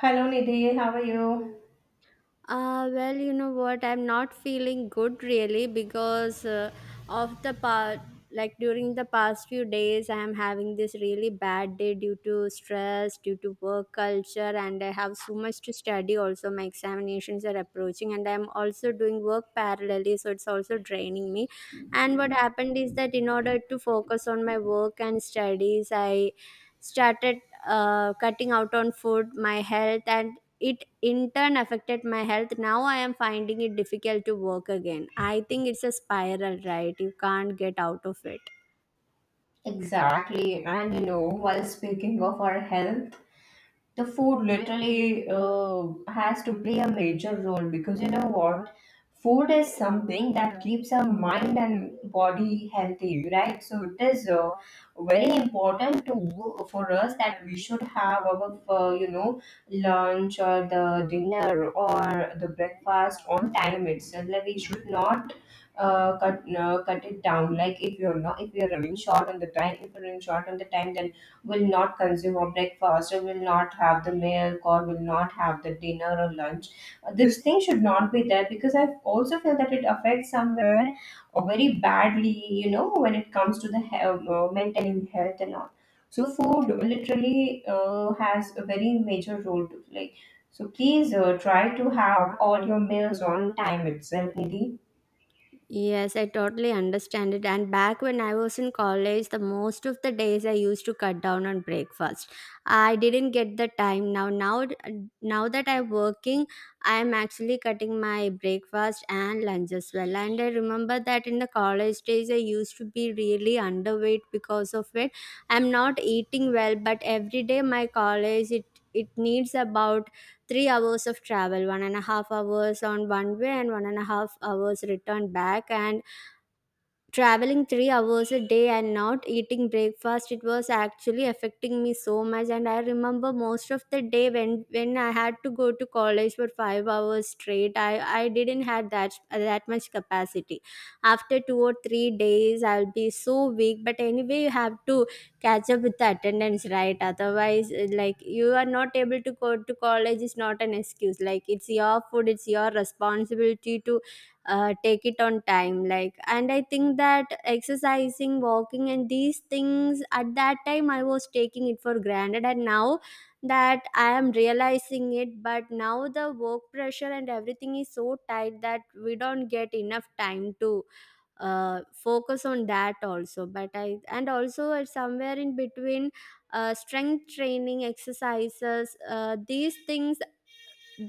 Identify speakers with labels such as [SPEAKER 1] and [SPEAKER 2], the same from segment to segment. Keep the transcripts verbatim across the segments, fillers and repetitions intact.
[SPEAKER 1] Hello Nidhi, how are you?
[SPEAKER 2] Uh, well, you know what? I'm not feeling good really because uh, of the part. Like during the past few days, I am having this really bad day due to stress, due to work culture, and I have so much to study. Also, my examinations are approaching, and I'm also doing work parallelly, so it's also draining me. And what happened is that in order to focus on my work and studies, I started uh, cutting out on food, my health, and it in turn affected my health. Now I am finding it difficult to work again. I think it's a spiral, right? You can't get out of it.
[SPEAKER 1] Exactly. And you know, while speaking of our health, the food literally uh, has to play a major role, because you know what, food is something that keeps our mind and body healthy, right? So it is uh, very important to for us that we should have our uh, you know, lunch or the dinner or the breakfast on time itself. Like, we should not uh, cut uh, cut it down. Like, if you're not, if you're running short on the time if you're running short on the time, then will not consume a breakfast, or will not have the milk, or will not have the dinner or lunch. Uh, this thing should not be there, because I also feel that it affects somewhere or very badly, you know, when it comes to the health, uh, maintaining health and all. So food literally uh, has a very major role to play. So please uh, try to have all your meals on time itself, Nidhi.
[SPEAKER 2] Yes, I totally understand it. And back when I was in college, the most of the days I used to cut down on breakfast. I didn't get the time now. Now, now that I'm working, I'm actually cutting my breakfast and lunch as well. And I remember that in the college days, I used to be really underweight because of it. I'm not eating well, but every day my college it it needs about three hours of travel, one and a half hours on one way and one and a half hours return back. And traveling three hours a day and not eating breakfast, it was actually affecting me so much. And I remember most of the day, when when I had to go to college for five hours straight, i i didn't have that that much capacity. After two or three days, I'll be so weak. But anyway, you have to catch up with the attendance, right? Otherwise, uh, like, you are not able to go to college is not an excuse. Like, it's your food, it's your responsibility to uh, take it on time. Like, and I think that exercising, walking, and these things, at that time I was taking it for granted, and now that I am realizing it. But now the work pressure and everything is so tight that we don't get enough time to uh, focus on that also. But I, and also it's somewhere in between, uh, strength training exercises, uh, these things.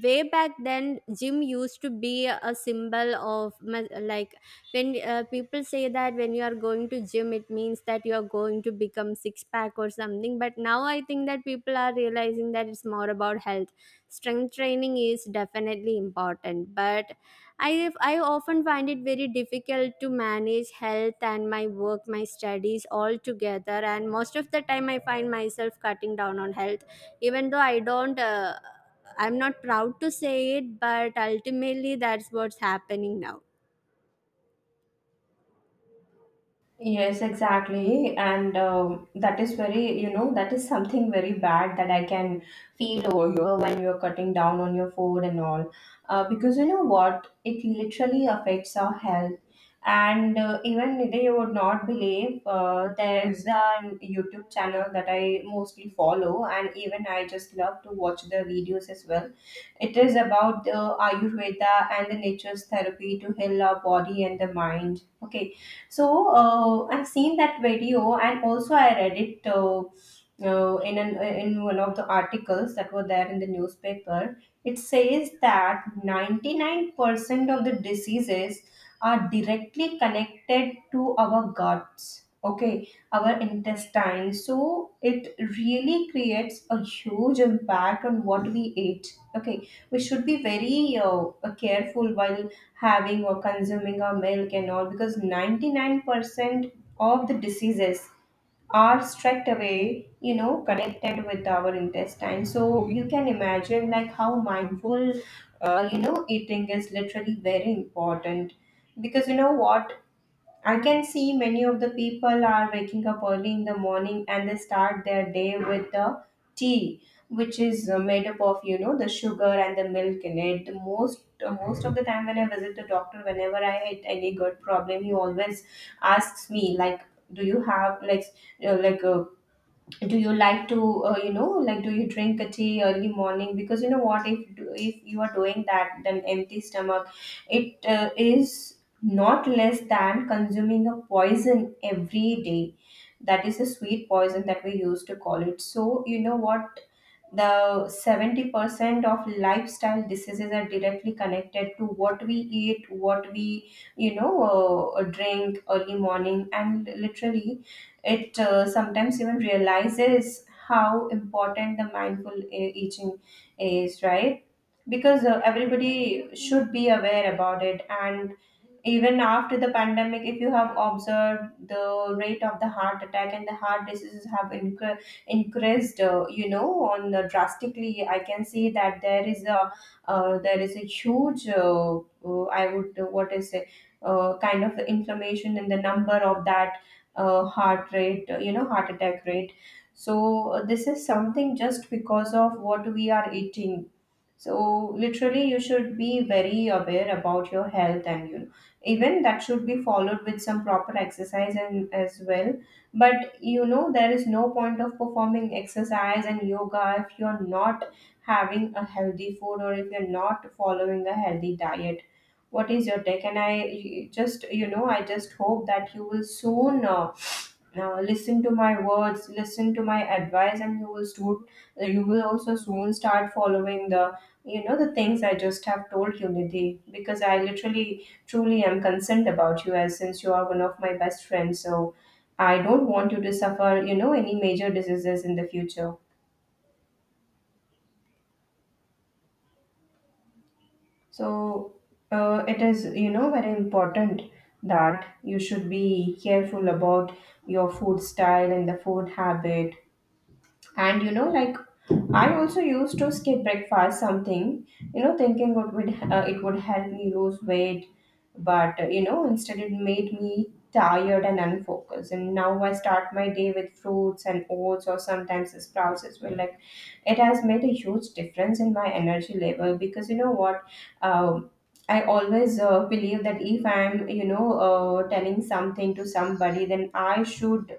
[SPEAKER 2] Way back then, gym used to be a symbol of ma- like, when uh, people say that when you are going to gym it means that you are going to become six pack or something. But now I think that people are realizing that it's more about health. Strength training is definitely important, but i i often find it very difficult to manage health and my work, my studies, all together. And most of the time I find myself cutting down on health, even though I don't, uh, I'm not proud to say it, but ultimately that's what's happening now.
[SPEAKER 1] Yes, exactly. And um, that is very, you know, that is something very bad that I can feel over here when you're cutting down on your food and all. Uh, because you know what? It literally affects our health. And uh, even today, you would not believe, uh, there's a YouTube channel that I mostly follow, and even I just love to watch the videos as well. It is about the Ayurveda and the nature's therapy to heal our body and the mind. Okay, so uh, I've seen that video, and also I read it uh, uh, in an in one of the articles that were there in the newspaper. It says that ninety nine percent of the diseases are directly connected to our guts. Okay, our intestines. So it really creates a huge impact on what we eat. Okay, we should be very uh, careful while having or consuming our milk and all, because ninety nine percent of the diseases are straight away, you know, connected with our intestine. So you can imagine, like, how mindful uh, you know, eating is literally very important. Because you know what, I can see many of the people are waking up early in the morning, and they start their day with the tea, which is uh, made up of, you know, the sugar and the milk in it. The most uh, most of the time, when I visit the doctor, whenever I had any gut problem, he always asks me like, "Do you have like s- uh, like uh, do you like to, uh, you know, like, do you drink a tea early morning? Because you know what, if if you are doing that, then empty stomach, it uh, is not less than consuming a poison every day. That is a sweet poison that we used to call it." So you know what, the seventy percent of lifestyle diseases are directly connected to what we eat, what we, you know, uh, drink early morning. And literally, it uh, sometimes even realizes how important the mindful e- eating is, right? Because uh, everybody should be aware about it. And even after the pandemic, if you have observed, the rate of the heart attack and the heart diseases have incre- increased, uh, you know, on the drastically. I can see that there is a uh, there is a huge, uh, uh, I would uh, what is it, uh, kind of inflammation in the number of that uh, heart rate, uh, you know, heart attack rate. So uh, this is something just because of what we are eating. So literally, you should be very aware about your health. And you know, even that should be followed with some proper exercise and as well. But you know, there is no point of performing exercise and yoga if you're not having a healthy food, or if you're not following a healthy diet. What is your take? And I just, you know, I just hope that you will soon uh, now listen to my words, listen to my advice, and you will soon, you will also soon start following the, you know, the things I just have told you, Nidhi. Because I literally, truly am concerned about you, as since you are one of my best friends. So I don't want you to suffer, you know, any major diseases in the future. So uh, it is, you know, very important that you should be careful about your food style and the food habit. And you know, like, I also used to skip breakfast something, you know, thinking it would uh, it would help me lose weight. But uh, you know, instead it made me tired and unfocused. And now I start my day with fruits and oats, or sometimes sprouts as well. Like, it has made a huge difference in my energy level, because you know what. Um, I always uh, believe that if I'm, you know, uh, telling something to somebody, then I should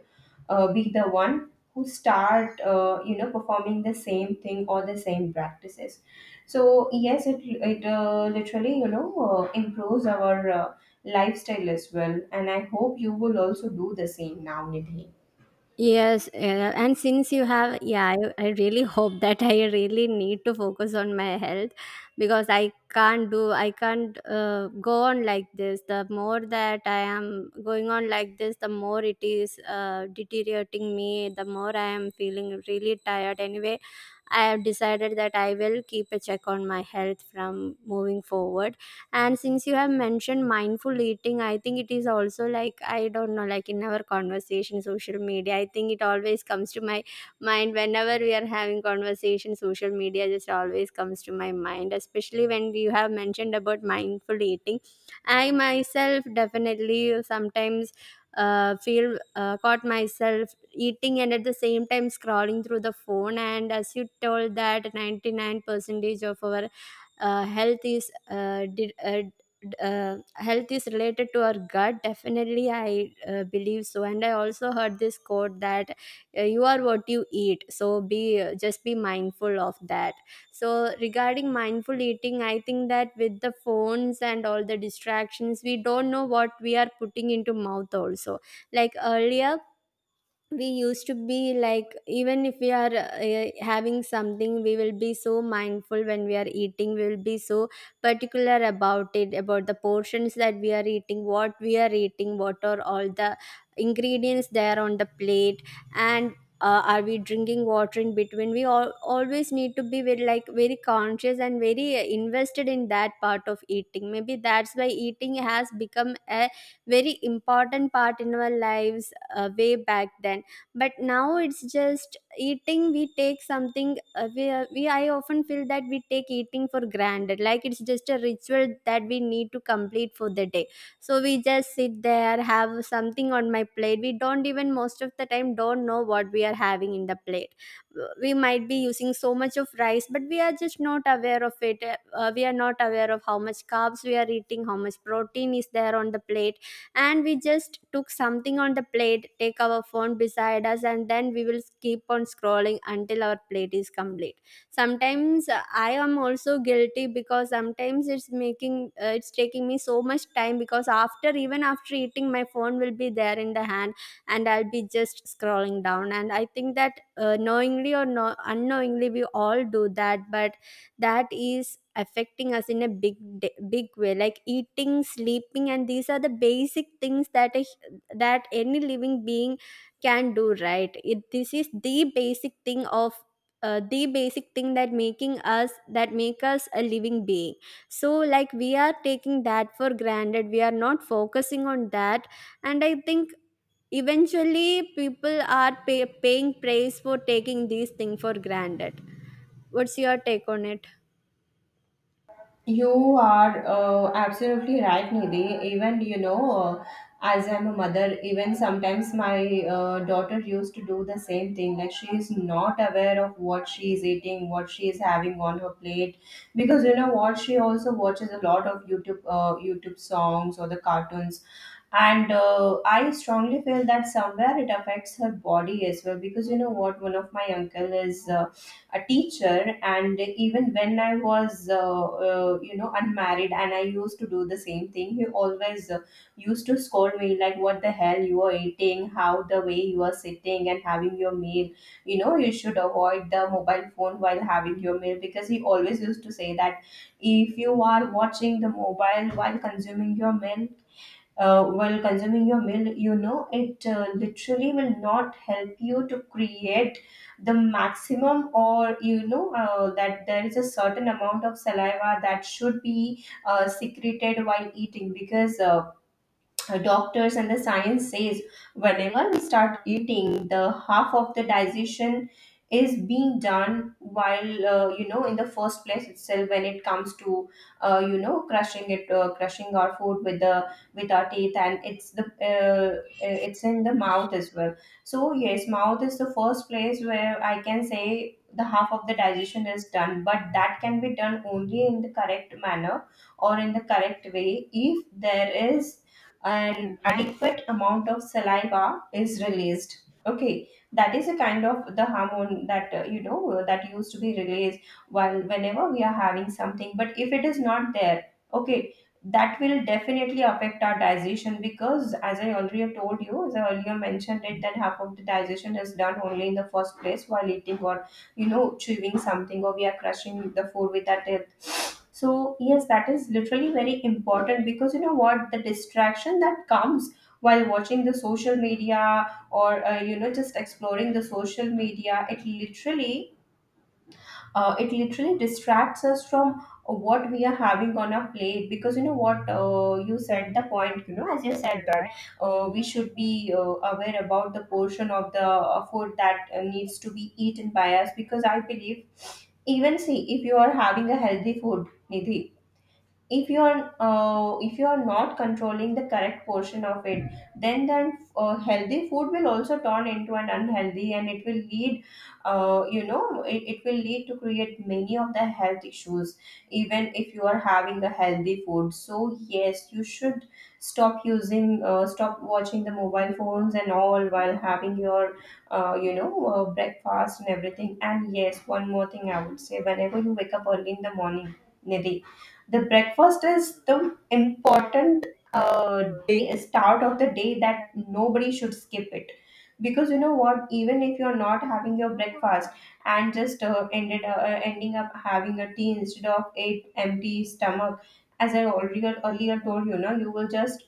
[SPEAKER 1] uh, be the one who start uh, you know, performing the same thing or the same practices. So yes, it it uh, literally, you know, uh, improves our uh, lifestyle as well. And I hope you will also do the same now, Nidhi.
[SPEAKER 2] Yes, yeah. and since you have, yeah, I, I really hope that I really need to focus on my health, because I can't do, I can't uh, go on like this. The more that I am going on like this, the more it is uh, deteriorating me, the more I am feeling really tired. Anyway, I have decided that I will keep a check on my health from moving forward. And since you have mentioned mindful eating, I think it is also like, I don't know, like in our conversation, social media. I think it always comes to my mind whenever we are having conversation. Social media just always comes to my mind, especially when you have mentioned about mindful eating. I myself definitely sometimes uh, feel uh, caught myself eating and at the same time scrolling through the phone. And as you told that ninety-nine percentage of our uh, health is uh, did, uh, d- uh, health is related to our gut. Definitely I uh, believe so. And I also heard this quote that uh, you are what you eat, so be uh, just be mindful of that. So regarding mindful eating, I think that with the phones and all the distractions, we don't know what we are putting into mouth also. Like earlier, we used to be like, even if we are uh, having something, we will be so mindful when we are eating. We will be so particular about it, about the portions that we are eating, what we are eating, what are all the ingredients there on the plate. And uh, are we drinking water in between? We all always need to be very, like, very conscious and very uh, invested in that part of eating. Maybe that's why eating has become a very important part in our lives, uh, way back then. But now it's just eating. We take something, uh, we, uh, we I often feel that we take eating for granted, like it's just a ritual that we need to complete for the day. So we just sit there, have something on my plate, we don't even, most of the time, don't know what we are having in the plate. We might be using so much of rice, but we are just not aware of it. uh, we are not aware of how much carbs we are eating, how much protein is there on the plate. And we just took something on the plate, take our phone beside us, and then we will keep on scrolling until our plate is complete. Sometimes uh, I am also guilty, because sometimes it's making uh, it's taking me so much time, because after, even after eating, my phone will be there in the hand, and I'll be just scrolling down. And I think that uh, knowingly or no unknowingly we all do that. But that is affecting us in a big d- big way. Like eating, sleeping, and these are the basic things that a, h- that any living being can do, right? It, this is the basic thing of, uh, the basic thing that making us that make us a living being. So like, we are taking that for granted, we are not focusing on that. And I think eventually people are pay, paying price for taking these things for granted. What's your take on it?
[SPEAKER 1] You are uh, absolutely right, Nidhi. Even, you know, uh, as I'm a mother, even sometimes my uh, daughter used to do the same thing. Like, she is not aware of what she is eating, what she is having on her plate. Because, you know what, she also watches a lot of YouTube, uh, YouTube songs or the cartoons. And uh, I strongly feel that somewhere it affects her body as well. Because you know what, one of my uncle is uh, a teacher. And even when I was uh, uh, you know, unmarried, and I used to do the same thing, he always uh, used to scold me, like, what the hell you are eating, how the way you are sitting and having your meal. You know, you should avoid the mobile phone while having your meal. Because he always used to say that if you are watching the mobile while consuming your meal, uh, while consuming your meal you know, it uh, literally will not help you to create the maximum. Or, you know, uh, that there is a certain amount of saliva that should be uh, secreted while eating. Because uh, uh, doctors and the science says, whenever we start eating, the half of the digestion is being done while, uh, you know, in the first place itself, when it comes to uh, you know, crushing it uh, crushing our food with the with our teeth. And it's the uh, uh, it's in the mouth as well. So yes, mouth is the first place where I can say the half of the digestion is done. But that can be done only in the correct manner, or in the correct way, if there is an adequate amount of saliva is released. Okay, that is a kind of the hormone that uh, you know, uh, that used to be released while whenever we are having something. But if it is not there, okay, that will definitely affect our digestion. Because as I already told you, as I earlier mentioned it, that half of the digestion is done only in the first place while eating, or you know, chewing something, or we are crushing the food with our. So yes, that is literally very important. Because you know what, the distraction that comes while watching the social media, or uh, you know, just exploring the social media, it literally uh, it literally distracts us from what we are having on our plate. Because you know what, uh, you said the point, you know, as you said that, uh, we should be uh, aware about the portion of the uh, food that uh, needs to be eaten by us. Because I believe, even see, if you are having a healthy food, Nidhi, if you are uh, if you are not controlling the correct portion of it, then then uh, healthy food will also turn into an unhealthy, and it will lead, uh, you know, it, it will lead to create many of the health issues even if you are having a healthy food. So yes, you should stop using uh, stop watching the mobile phones and all while having your uh, you know, uh, breakfast and everything. And yes, one more thing I would say, whenever you wake up early in the morning, Nidhi, the breakfast is the important, uh, day start of the day, that nobody should skip it. Because you know what, even if you're not having your breakfast, and just uh, ended uh, uh, ending up having a tea instead of a empty stomach, as I already earlier told you, now you will just,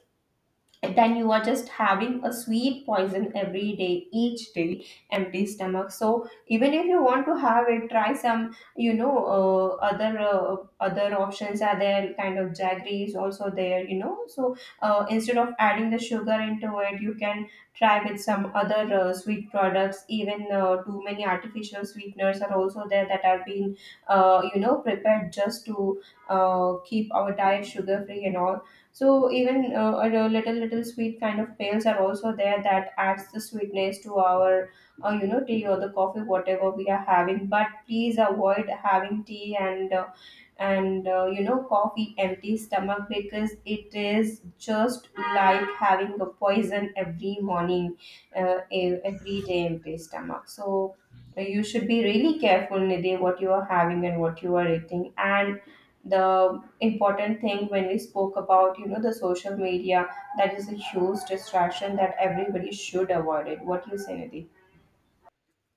[SPEAKER 1] then you are just having a sweet poison every day, each day, empty stomach. So even if you want to have it try some you know uh, other uh, other options are there kind of jaggery is also there you know so uh, instead of adding the sugar into it you can try with some other uh, sweet products. Even uh, too many artificial sweeteners are also there that are being uh, you know prepared just to uh, keep our diet sugar free and all. So even uh, a little little little sweet kind of pails are also there that adds the sweetness to our uh, you know tea or the coffee whatever we are having. But please avoid having tea and uh, and uh, you know coffee empty stomach, because it is just like having a poison every morning uh, ev- every day empty stomach. So uh, you should be really careful, Nidhi, what you are having and what you are eating. And the important thing when we spoke about, you know, the social media, that is a huge distraction that everybody should avoid it. What do you say, Nidhi?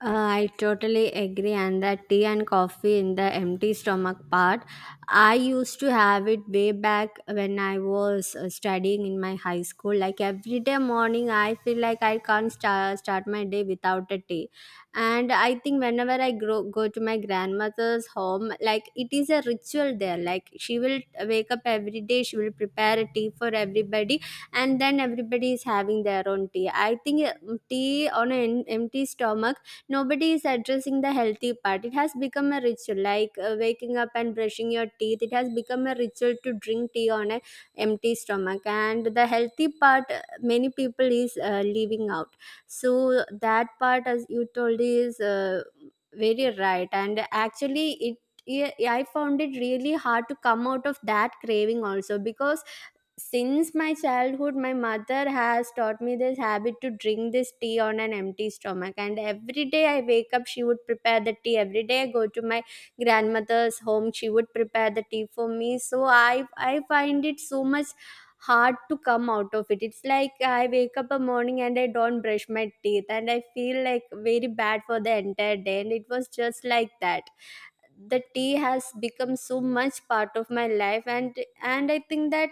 [SPEAKER 2] Uh, I totally agree, and that tea and coffee in the empty stomach part. I used to have it way back when I was uh, studying in my high school. Like every day morning, I feel like I can't start, start my day without a tea. And I think whenever I grow, go to my grandmother's home, like it is a ritual there. Like she will wake up every day, she will prepare a tea for everybody, and then everybody is having their own tea. I think uh, tea on an empty stomach, nobody is addressing the healthy part. It has become a ritual, like uh, waking up and brushing your teeth. It has become a ritual to drink tea on an empty stomach, and the healthy part uh, many people is uh, leaving out. So that part, as you told, is uh, very right. And actually it, yeah, I found it really hard to come out of that craving also, because since my childhood my mother has taught me this habit to drink this tea on an empty stomach. And every day I wake up, she would prepare the tea. Every day I go to my grandmother's home, she would prepare the tea for me. So i i find it so much hard to come out of it. It's like I wake up a morning and I don't brush my teeth and I feel like very bad for the entire day. And it was just like that. The tea has become so much part of my life. And and I think that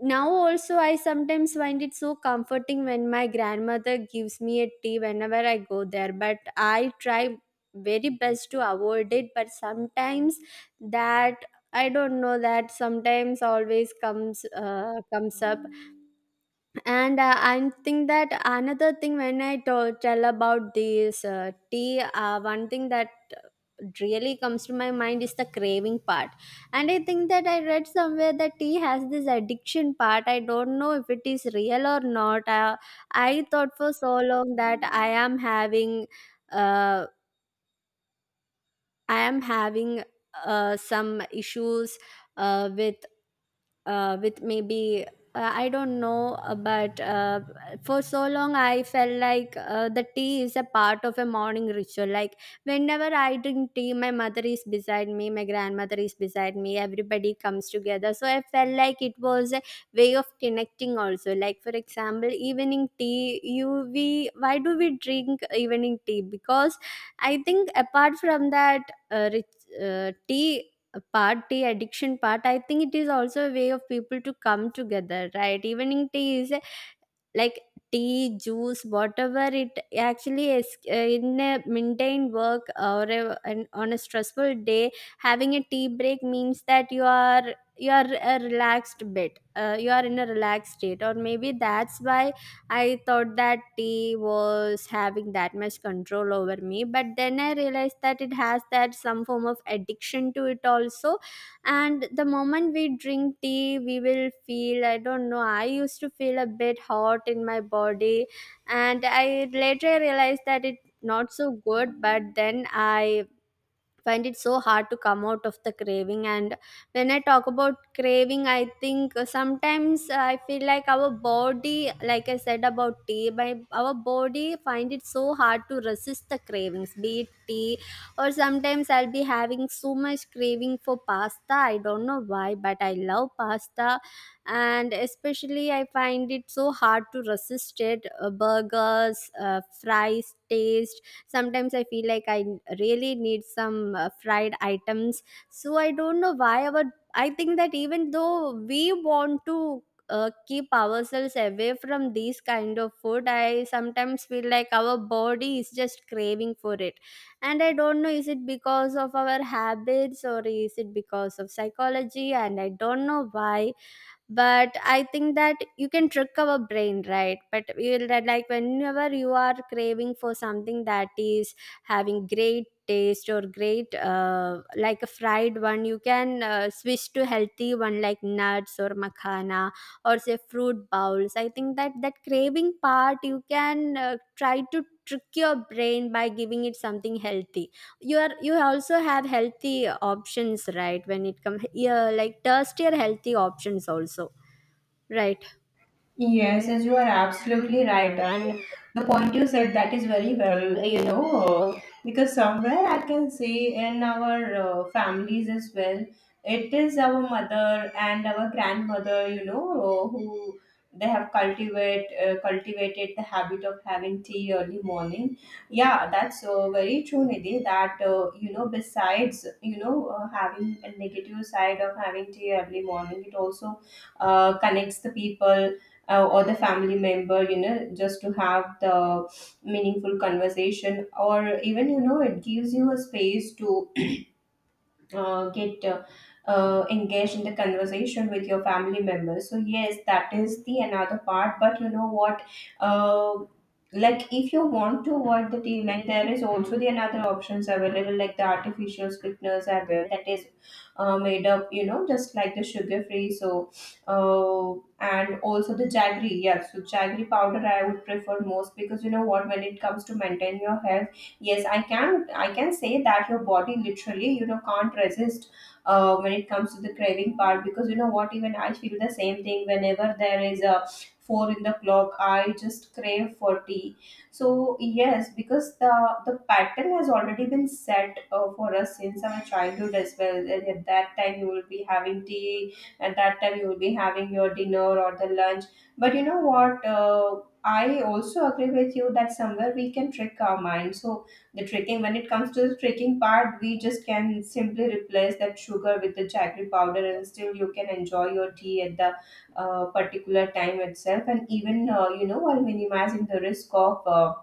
[SPEAKER 2] now also I sometimes find it so comforting when my grandmother gives me a tea whenever I go there. But I try very best to avoid it. But sometimes that, I don't know, that sometimes always comes uh, comes up. And uh, I think that another thing when I to- tell about this uh, tea, uh, one thing that really comes to my mind is the craving part. And I think that I read somewhere that tea has this addiction part. I don't know if it is real or not. Uh, I thought for so long that I am having, uh, I am having uh, some issues uh, with uh, with maybe, uh, I don't know, uh, but uh, for so long I felt like uh, the tea is a part of a morning ritual. Like whenever I drink tea, my mother is beside me, my grandmother is beside me, everybody comes together. So I felt like it was a way of connecting also. Like for example, evening tea, you we, why do we drink evening tea? Because I think apart from that, uh, rich, uh, tea party addiction part, I think it is also a way of people to come together, right? Evening tea is a, like, tea juice, whatever it actually is, uh, in a maintained work or a, an, on a stressful day. Having a tea break means that you are you are a relaxed bit, uh, you are in a relaxed state. Or maybe that's why I thought that tea was having that much control over me. But then I realized that it has that some form of addiction to it also. And the moment we drink tea, we will feel, I don't know, I used to feel a bit hot in my body. And I later realized that it not so good, but then I find it so hard to come out of the craving. And when I talk about craving, I think uh, sometimes I feel like our body, like I said about tea, my our body find it so hard to resist the cravings, be it tea or sometimes I'll be having so much craving for pasta. I don't know why, but I love pasta. And especially I find it so hard to resist it. Uh, burgers, uh, fries taste, sometimes I feel like I really need some uh, fried items. So I don't know why our I think that even though we want to uh, keep ourselves away from these kind of food, I sometimes feel like our body is just craving for it. And I don't know, is it because of our habits or is it because of psychology? And I don't know why, but I think that you can trick our brain, right? But we'll that, like, whenever you are craving for something that is having great taste or great, uh, like a fried one, you can uh, switch to healthy one like nuts or makhana or say fruit bowls. I think that that craving part you can uh, try to trick your brain by giving it something healthy. You are you also have healthy options, right? When it comes, yeah, like tastier healthy options also, right?
[SPEAKER 1] Yes, yes, you are absolutely right. And the point you said that is very well, you know, because somewhere I can say in our uh, families as well, it is our mother and our grandmother, you know, who they have cultivate uh, cultivated the habit of having tea early morning. Yeah, that's uh, very true, Nidhi. That, uh, you know, besides, you know, uh, having a negative side of having tea early morning, it also uh, connects the people uh, or the family member, you know, just to have the meaningful conversation, or even, you know, it gives you a space to uh, get uh, uh, engaged in the conversation with your family members. So yes, that is the another part. But you know what, uh, like if you want to avoid the deadline, there is also the another options available, like the artificial sweeteners are there, that is uh, made up, you know, just like the sugar free. So uh, and also the jaggery, yeah, so jaggery powder I would prefer most, because you know what, when it comes to maintain your health, yes, i can i can say that your body literally, you know, can't resist uh, when it comes to the craving part, because you know what, even I feel the same thing, whenever there is a four in the clock I just crave for tea. So yes, because the the pattern has already been set uh, for us since our childhood as well, and at that time you will be having tea, at that time you will be having your dinner or the lunch. But you know what, uh, I also agree with you that somewhere we can trick our mind. So the tricking, when it comes to the tricking part, we just can simply replace that sugar with the jaggery powder, and still you can enjoy your tea at the uh, particular time itself, and even uh, you know, while minimizing the risk of uh,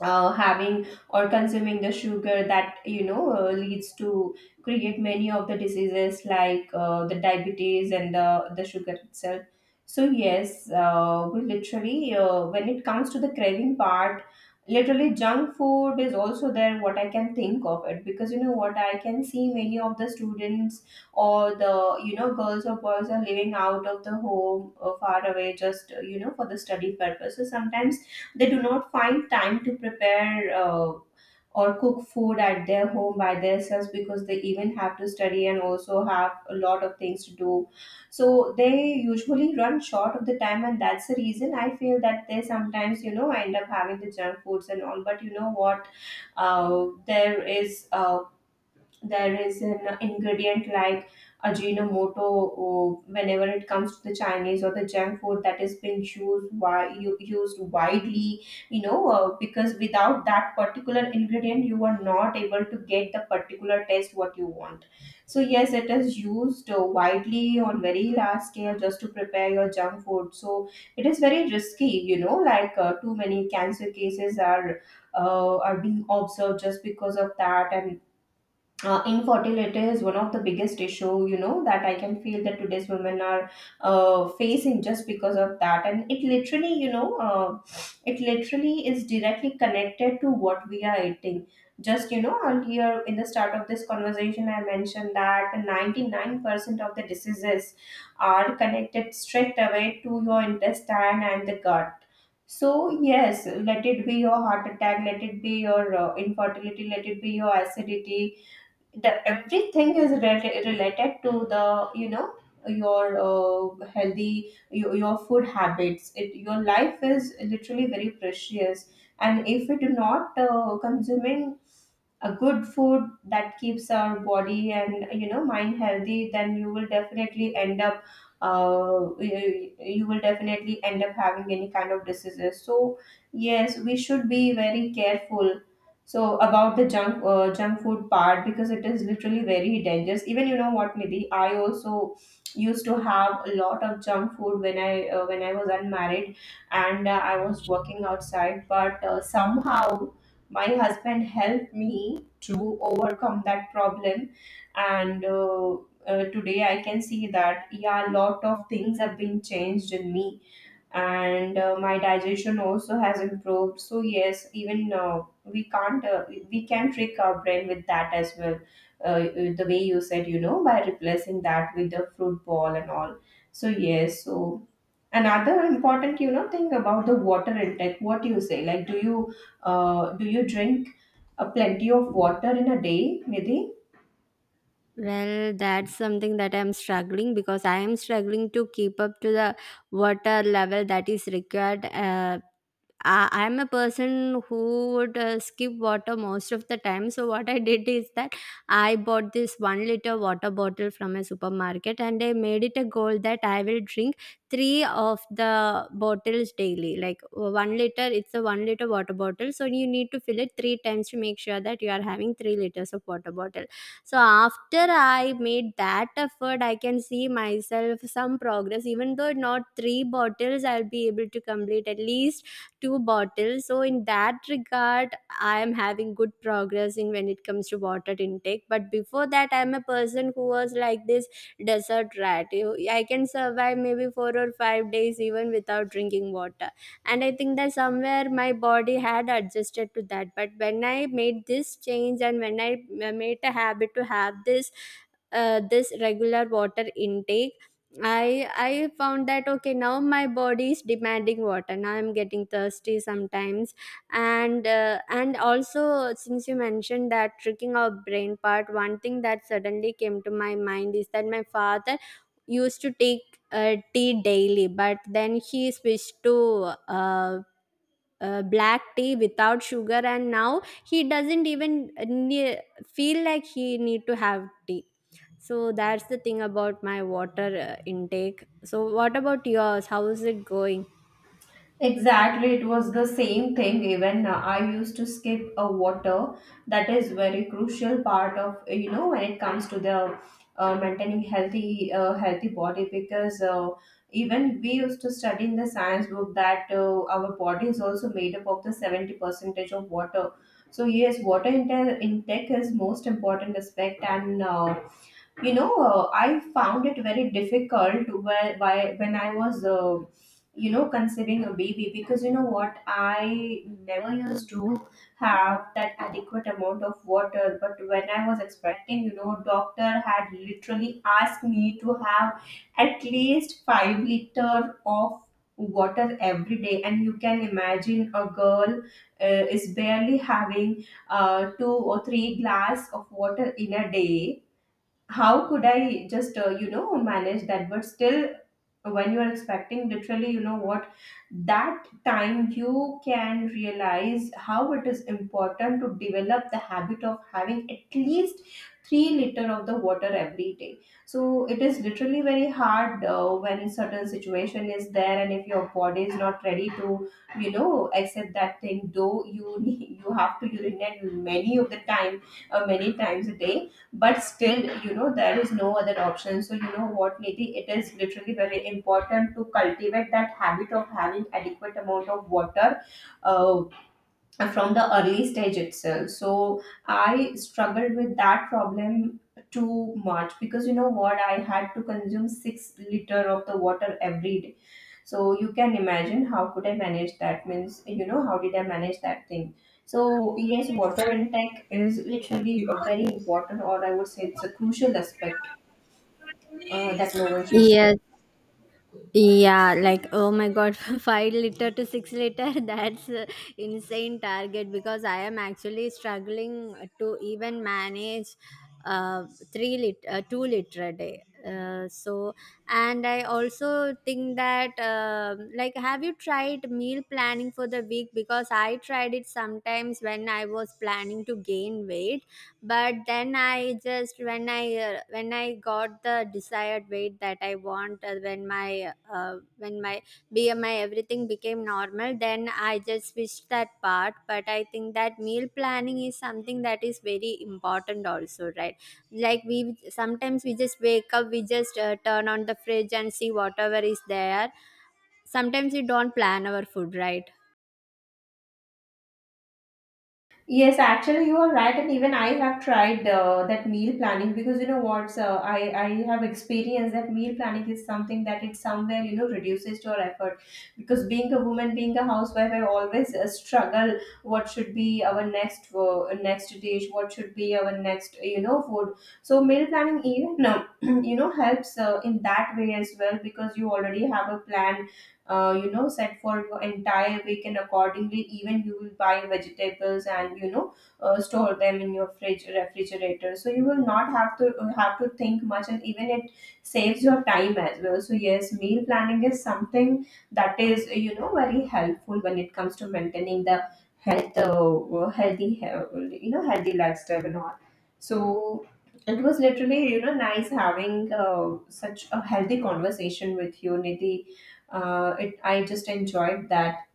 [SPEAKER 1] uh, having or consuming the sugar that, you know, uh, leads to create many of the diseases like uh, the diabetes and the, the sugar itself. So yes, uh, we literally, uh, when it comes to the craving part, literally junk food is also there, what I can think of it, because you know what, I can see many of the students or the, you know, girls or boys are living out of the home uh, far away, just uh, you know for the study purpose. So sometimes they do not find time to prepare uh, or cook food at their home by themselves, because they even have to study and also have a lot of things to do. So they usually run short of the time, and that's the reason I feel that they sometimes, you know, end up having the junk foods and all. But you know what? Uh, there is uh, there is an ingredient like ajinomoto, or whenever it comes to the chinese or the junk food, that is being used, why you used widely, you know, uh, because without that particular ingredient you are not able to get the particular taste what you want. So yes, it is used uh, widely on very large scale, just to prepare your junk food. So it is very risky, you know, like uh, too many cancer cases are uh, are being observed just because of that. And uh, infertility is one of the biggest issue, you know, that I can feel that today's women are uh, facing just because of that, and it literally, you know, uh, it literally is directly connected to what we are eating. Just, you know, earlier in the start of this conversation I mentioned that ninety-nine percent of the diseases are connected straight away to your intestine and the gut. So yes, let it be your heart attack, let it be your uh, infertility, let it be your acidity, the everything is rela- related to the, you know, your uh, healthy your, your food habits. It, your life is literally very precious, and if we do not uh, consuming a good food that keeps our body and, you know, mind healthy, then you will definitely end up uh, you, you will definitely end up having any kind of diseases. So yes, we should be very careful so about the junk uh, junk food part, because it is literally very dangerous. Even, you know what, Nidhi, I also used to have a lot of junk food when I uh, when I was unmarried, and uh, I was working outside, but uh, somehow my husband helped me to overcome that problem. And uh, uh, Today I can see that yeah, a lot of things have been changed in me, and uh, my digestion also has improved. So yes, even uh, we can't uh, we we can trick our brain with that as well, uh, the way you said, you know, by replacing that with the fruit ball and all. So yes, so another important, you know, thing about the water intake, what do you say, like do you uh, do you drink uh, plenty of water in a day, Nidhi?
[SPEAKER 2] Well, that's something that I'm struggling, because I am struggling to keep up to the water level that is required. uh, I- I'm a person who would uh, skip water most of the time. So, what I did is that I bought this one liter water bottle from a supermarket, and I made it a goal that I will drink three of the bottles daily. Like, uh, one liter, it's a one liter water bottle. So, you need to fill it three times to make sure that you are having three liters of water bottle. So, after I made that effort, I can see myself some progress. Even though not three bottles, I'll be able to complete at least two bottles. So in that regard, I am having good progress in, when it comes to water intake. But before that, I am a person who was like this desert rat. You- I can survive maybe four or five days even without drinking water. And I think that somewhere my body had adjusted to that. But when I made this change, and when I m- made a habit to have this uh, this regular water intake, I I found that okay, now my body is demanding water, now I'm getting thirsty sometimes. And uh, and also, since you mentioned that tricking our brain part, one thing that suddenly came to my mind is that my father used to take uh, tea daily, but then he switched to uh, uh, black tea without sugar. And now he doesn't even ne- feel like he need to have tea. So that's the thing about my water uh, intake. So what about yours, how is it going?
[SPEAKER 1] Exactly, it was the same thing. Even uh, I used to skip a water. That is very crucial part of, uh, you know, when it comes to the uh, maintaining healthy uh, healthy body, because uh, even we used to study in the science book that uh, our body is also made up of the seventy percentage of water. So yes, water inte- intake is most important aspect. And Uh, you know, uh, I found it very difficult where, why, when I was uh, you know, conceiving a baby, because you know what, I never used to have that adequate amount of water. But when I was expecting, you know, doctor had literally asked me to have at least five liter of water every day. And you can imagine a girl uh, is barely having uh, two or three glass of water in a day, how could I just, uh, you know, manage that? But still, when you are expecting, literally, you know what, that time you can realize how it is important to develop the habit of having at least three liter of the water every day. So it is literally very hard uh, when certain situation is there, and if your body is not ready to, you know, accept that thing, though you you have to urinate many of the time, uh, many times a day. But still, you know, there is no other option. So you know what, Nidhi, it is literally very important to cultivate that habit of having adequate amount of water uh, from the early stage itself. So I struggled with that problem too much, because you know what, I had to consume six liter of the water every. So you can imagine how could I manage that, means, you know, how did I manage that thing. So yes, water intake is literally a very important, or I would say it's a crucial aspect uh, that no one should skip.
[SPEAKER 2] Yes. Yeah, like, oh my god, five liter to six liter. That's a insane target because I am actually struggling to even manage uh three lit uh, two liter a day. Uh, so and I also think that, um like, have you tried meal planning for the week? Because I tried it sometimes when I was planning to gain weight. But then I just, when i uh, when I got the desired weight that I want, uh, when my uh, when my B M I everything became normal, then I just switched that part. But I think that meal planning is something that is very important also, right? Like, we sometimes we just wake up, we just uh, turn on the fridge and see whatever is there. Sometimes we don't plan our food, right?
[SPEAKER 1] Yes, actually, you are right, and even I have tried uh, that meal planning, because you know what, uh, I I have experienced that meal planning is something that it somewhere, you know, reduces your effort, because being a woman, being a housewife, I always uh, struggle what should be our next uh, next dish, what should be our next, you know, food. So meal planning, even uh, you know, helps uh, in that way as well, because you already have a plan uh, you know, set for your entire week, and accordingly even you will buy vegetables, and, you know, uh, store them in your fridge or refrigerator, so you will not have to uh, have to think much, and even it saves your time as well. So yes, meal planning is something that is, you know, very helpful when it comes to maintaining the health uh, healthy he- you know, healthy lifestyle and all. So it was literally, you know, nice having uh, such a healthy conversation with you, Nidhi. uh, it, I just enjoyed that.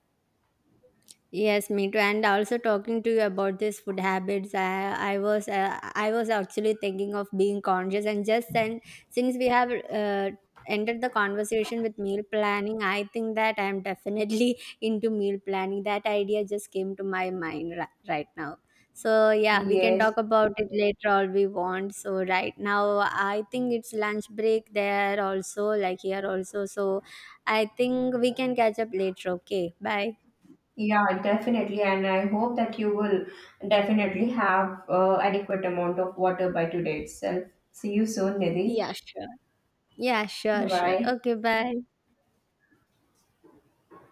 [SPEAKER 2] Yes, me too. And also, talking to you about this food habits, I, I was uh, I was actually thinking of being conscious. And just then, since we have uh, ended the conversation with meal planning, I think that I am definitely into meal planning. That idea just came to my mind ri- right now. So yeah, we can
[SPEAKER 1] Yes,
[SPEAKER 2] talk about it later, all we want. So right now, I think it's lunch break there also, like here also. So I think we can catch up later. Okay, bye.
[SPEAKER 1] yeah, definitely. And I hope that you will definitely have uh, adequate amount of water by today itself. See you soon, Nidhi.
[SPEAKER 2] Yeah, sure. Yeah, sure,
[SPEAKER 1] Bye
[SPEAKER 2] sure.
[SPEAKER 1] bye.
[SPEAKER 2] Okay, bye.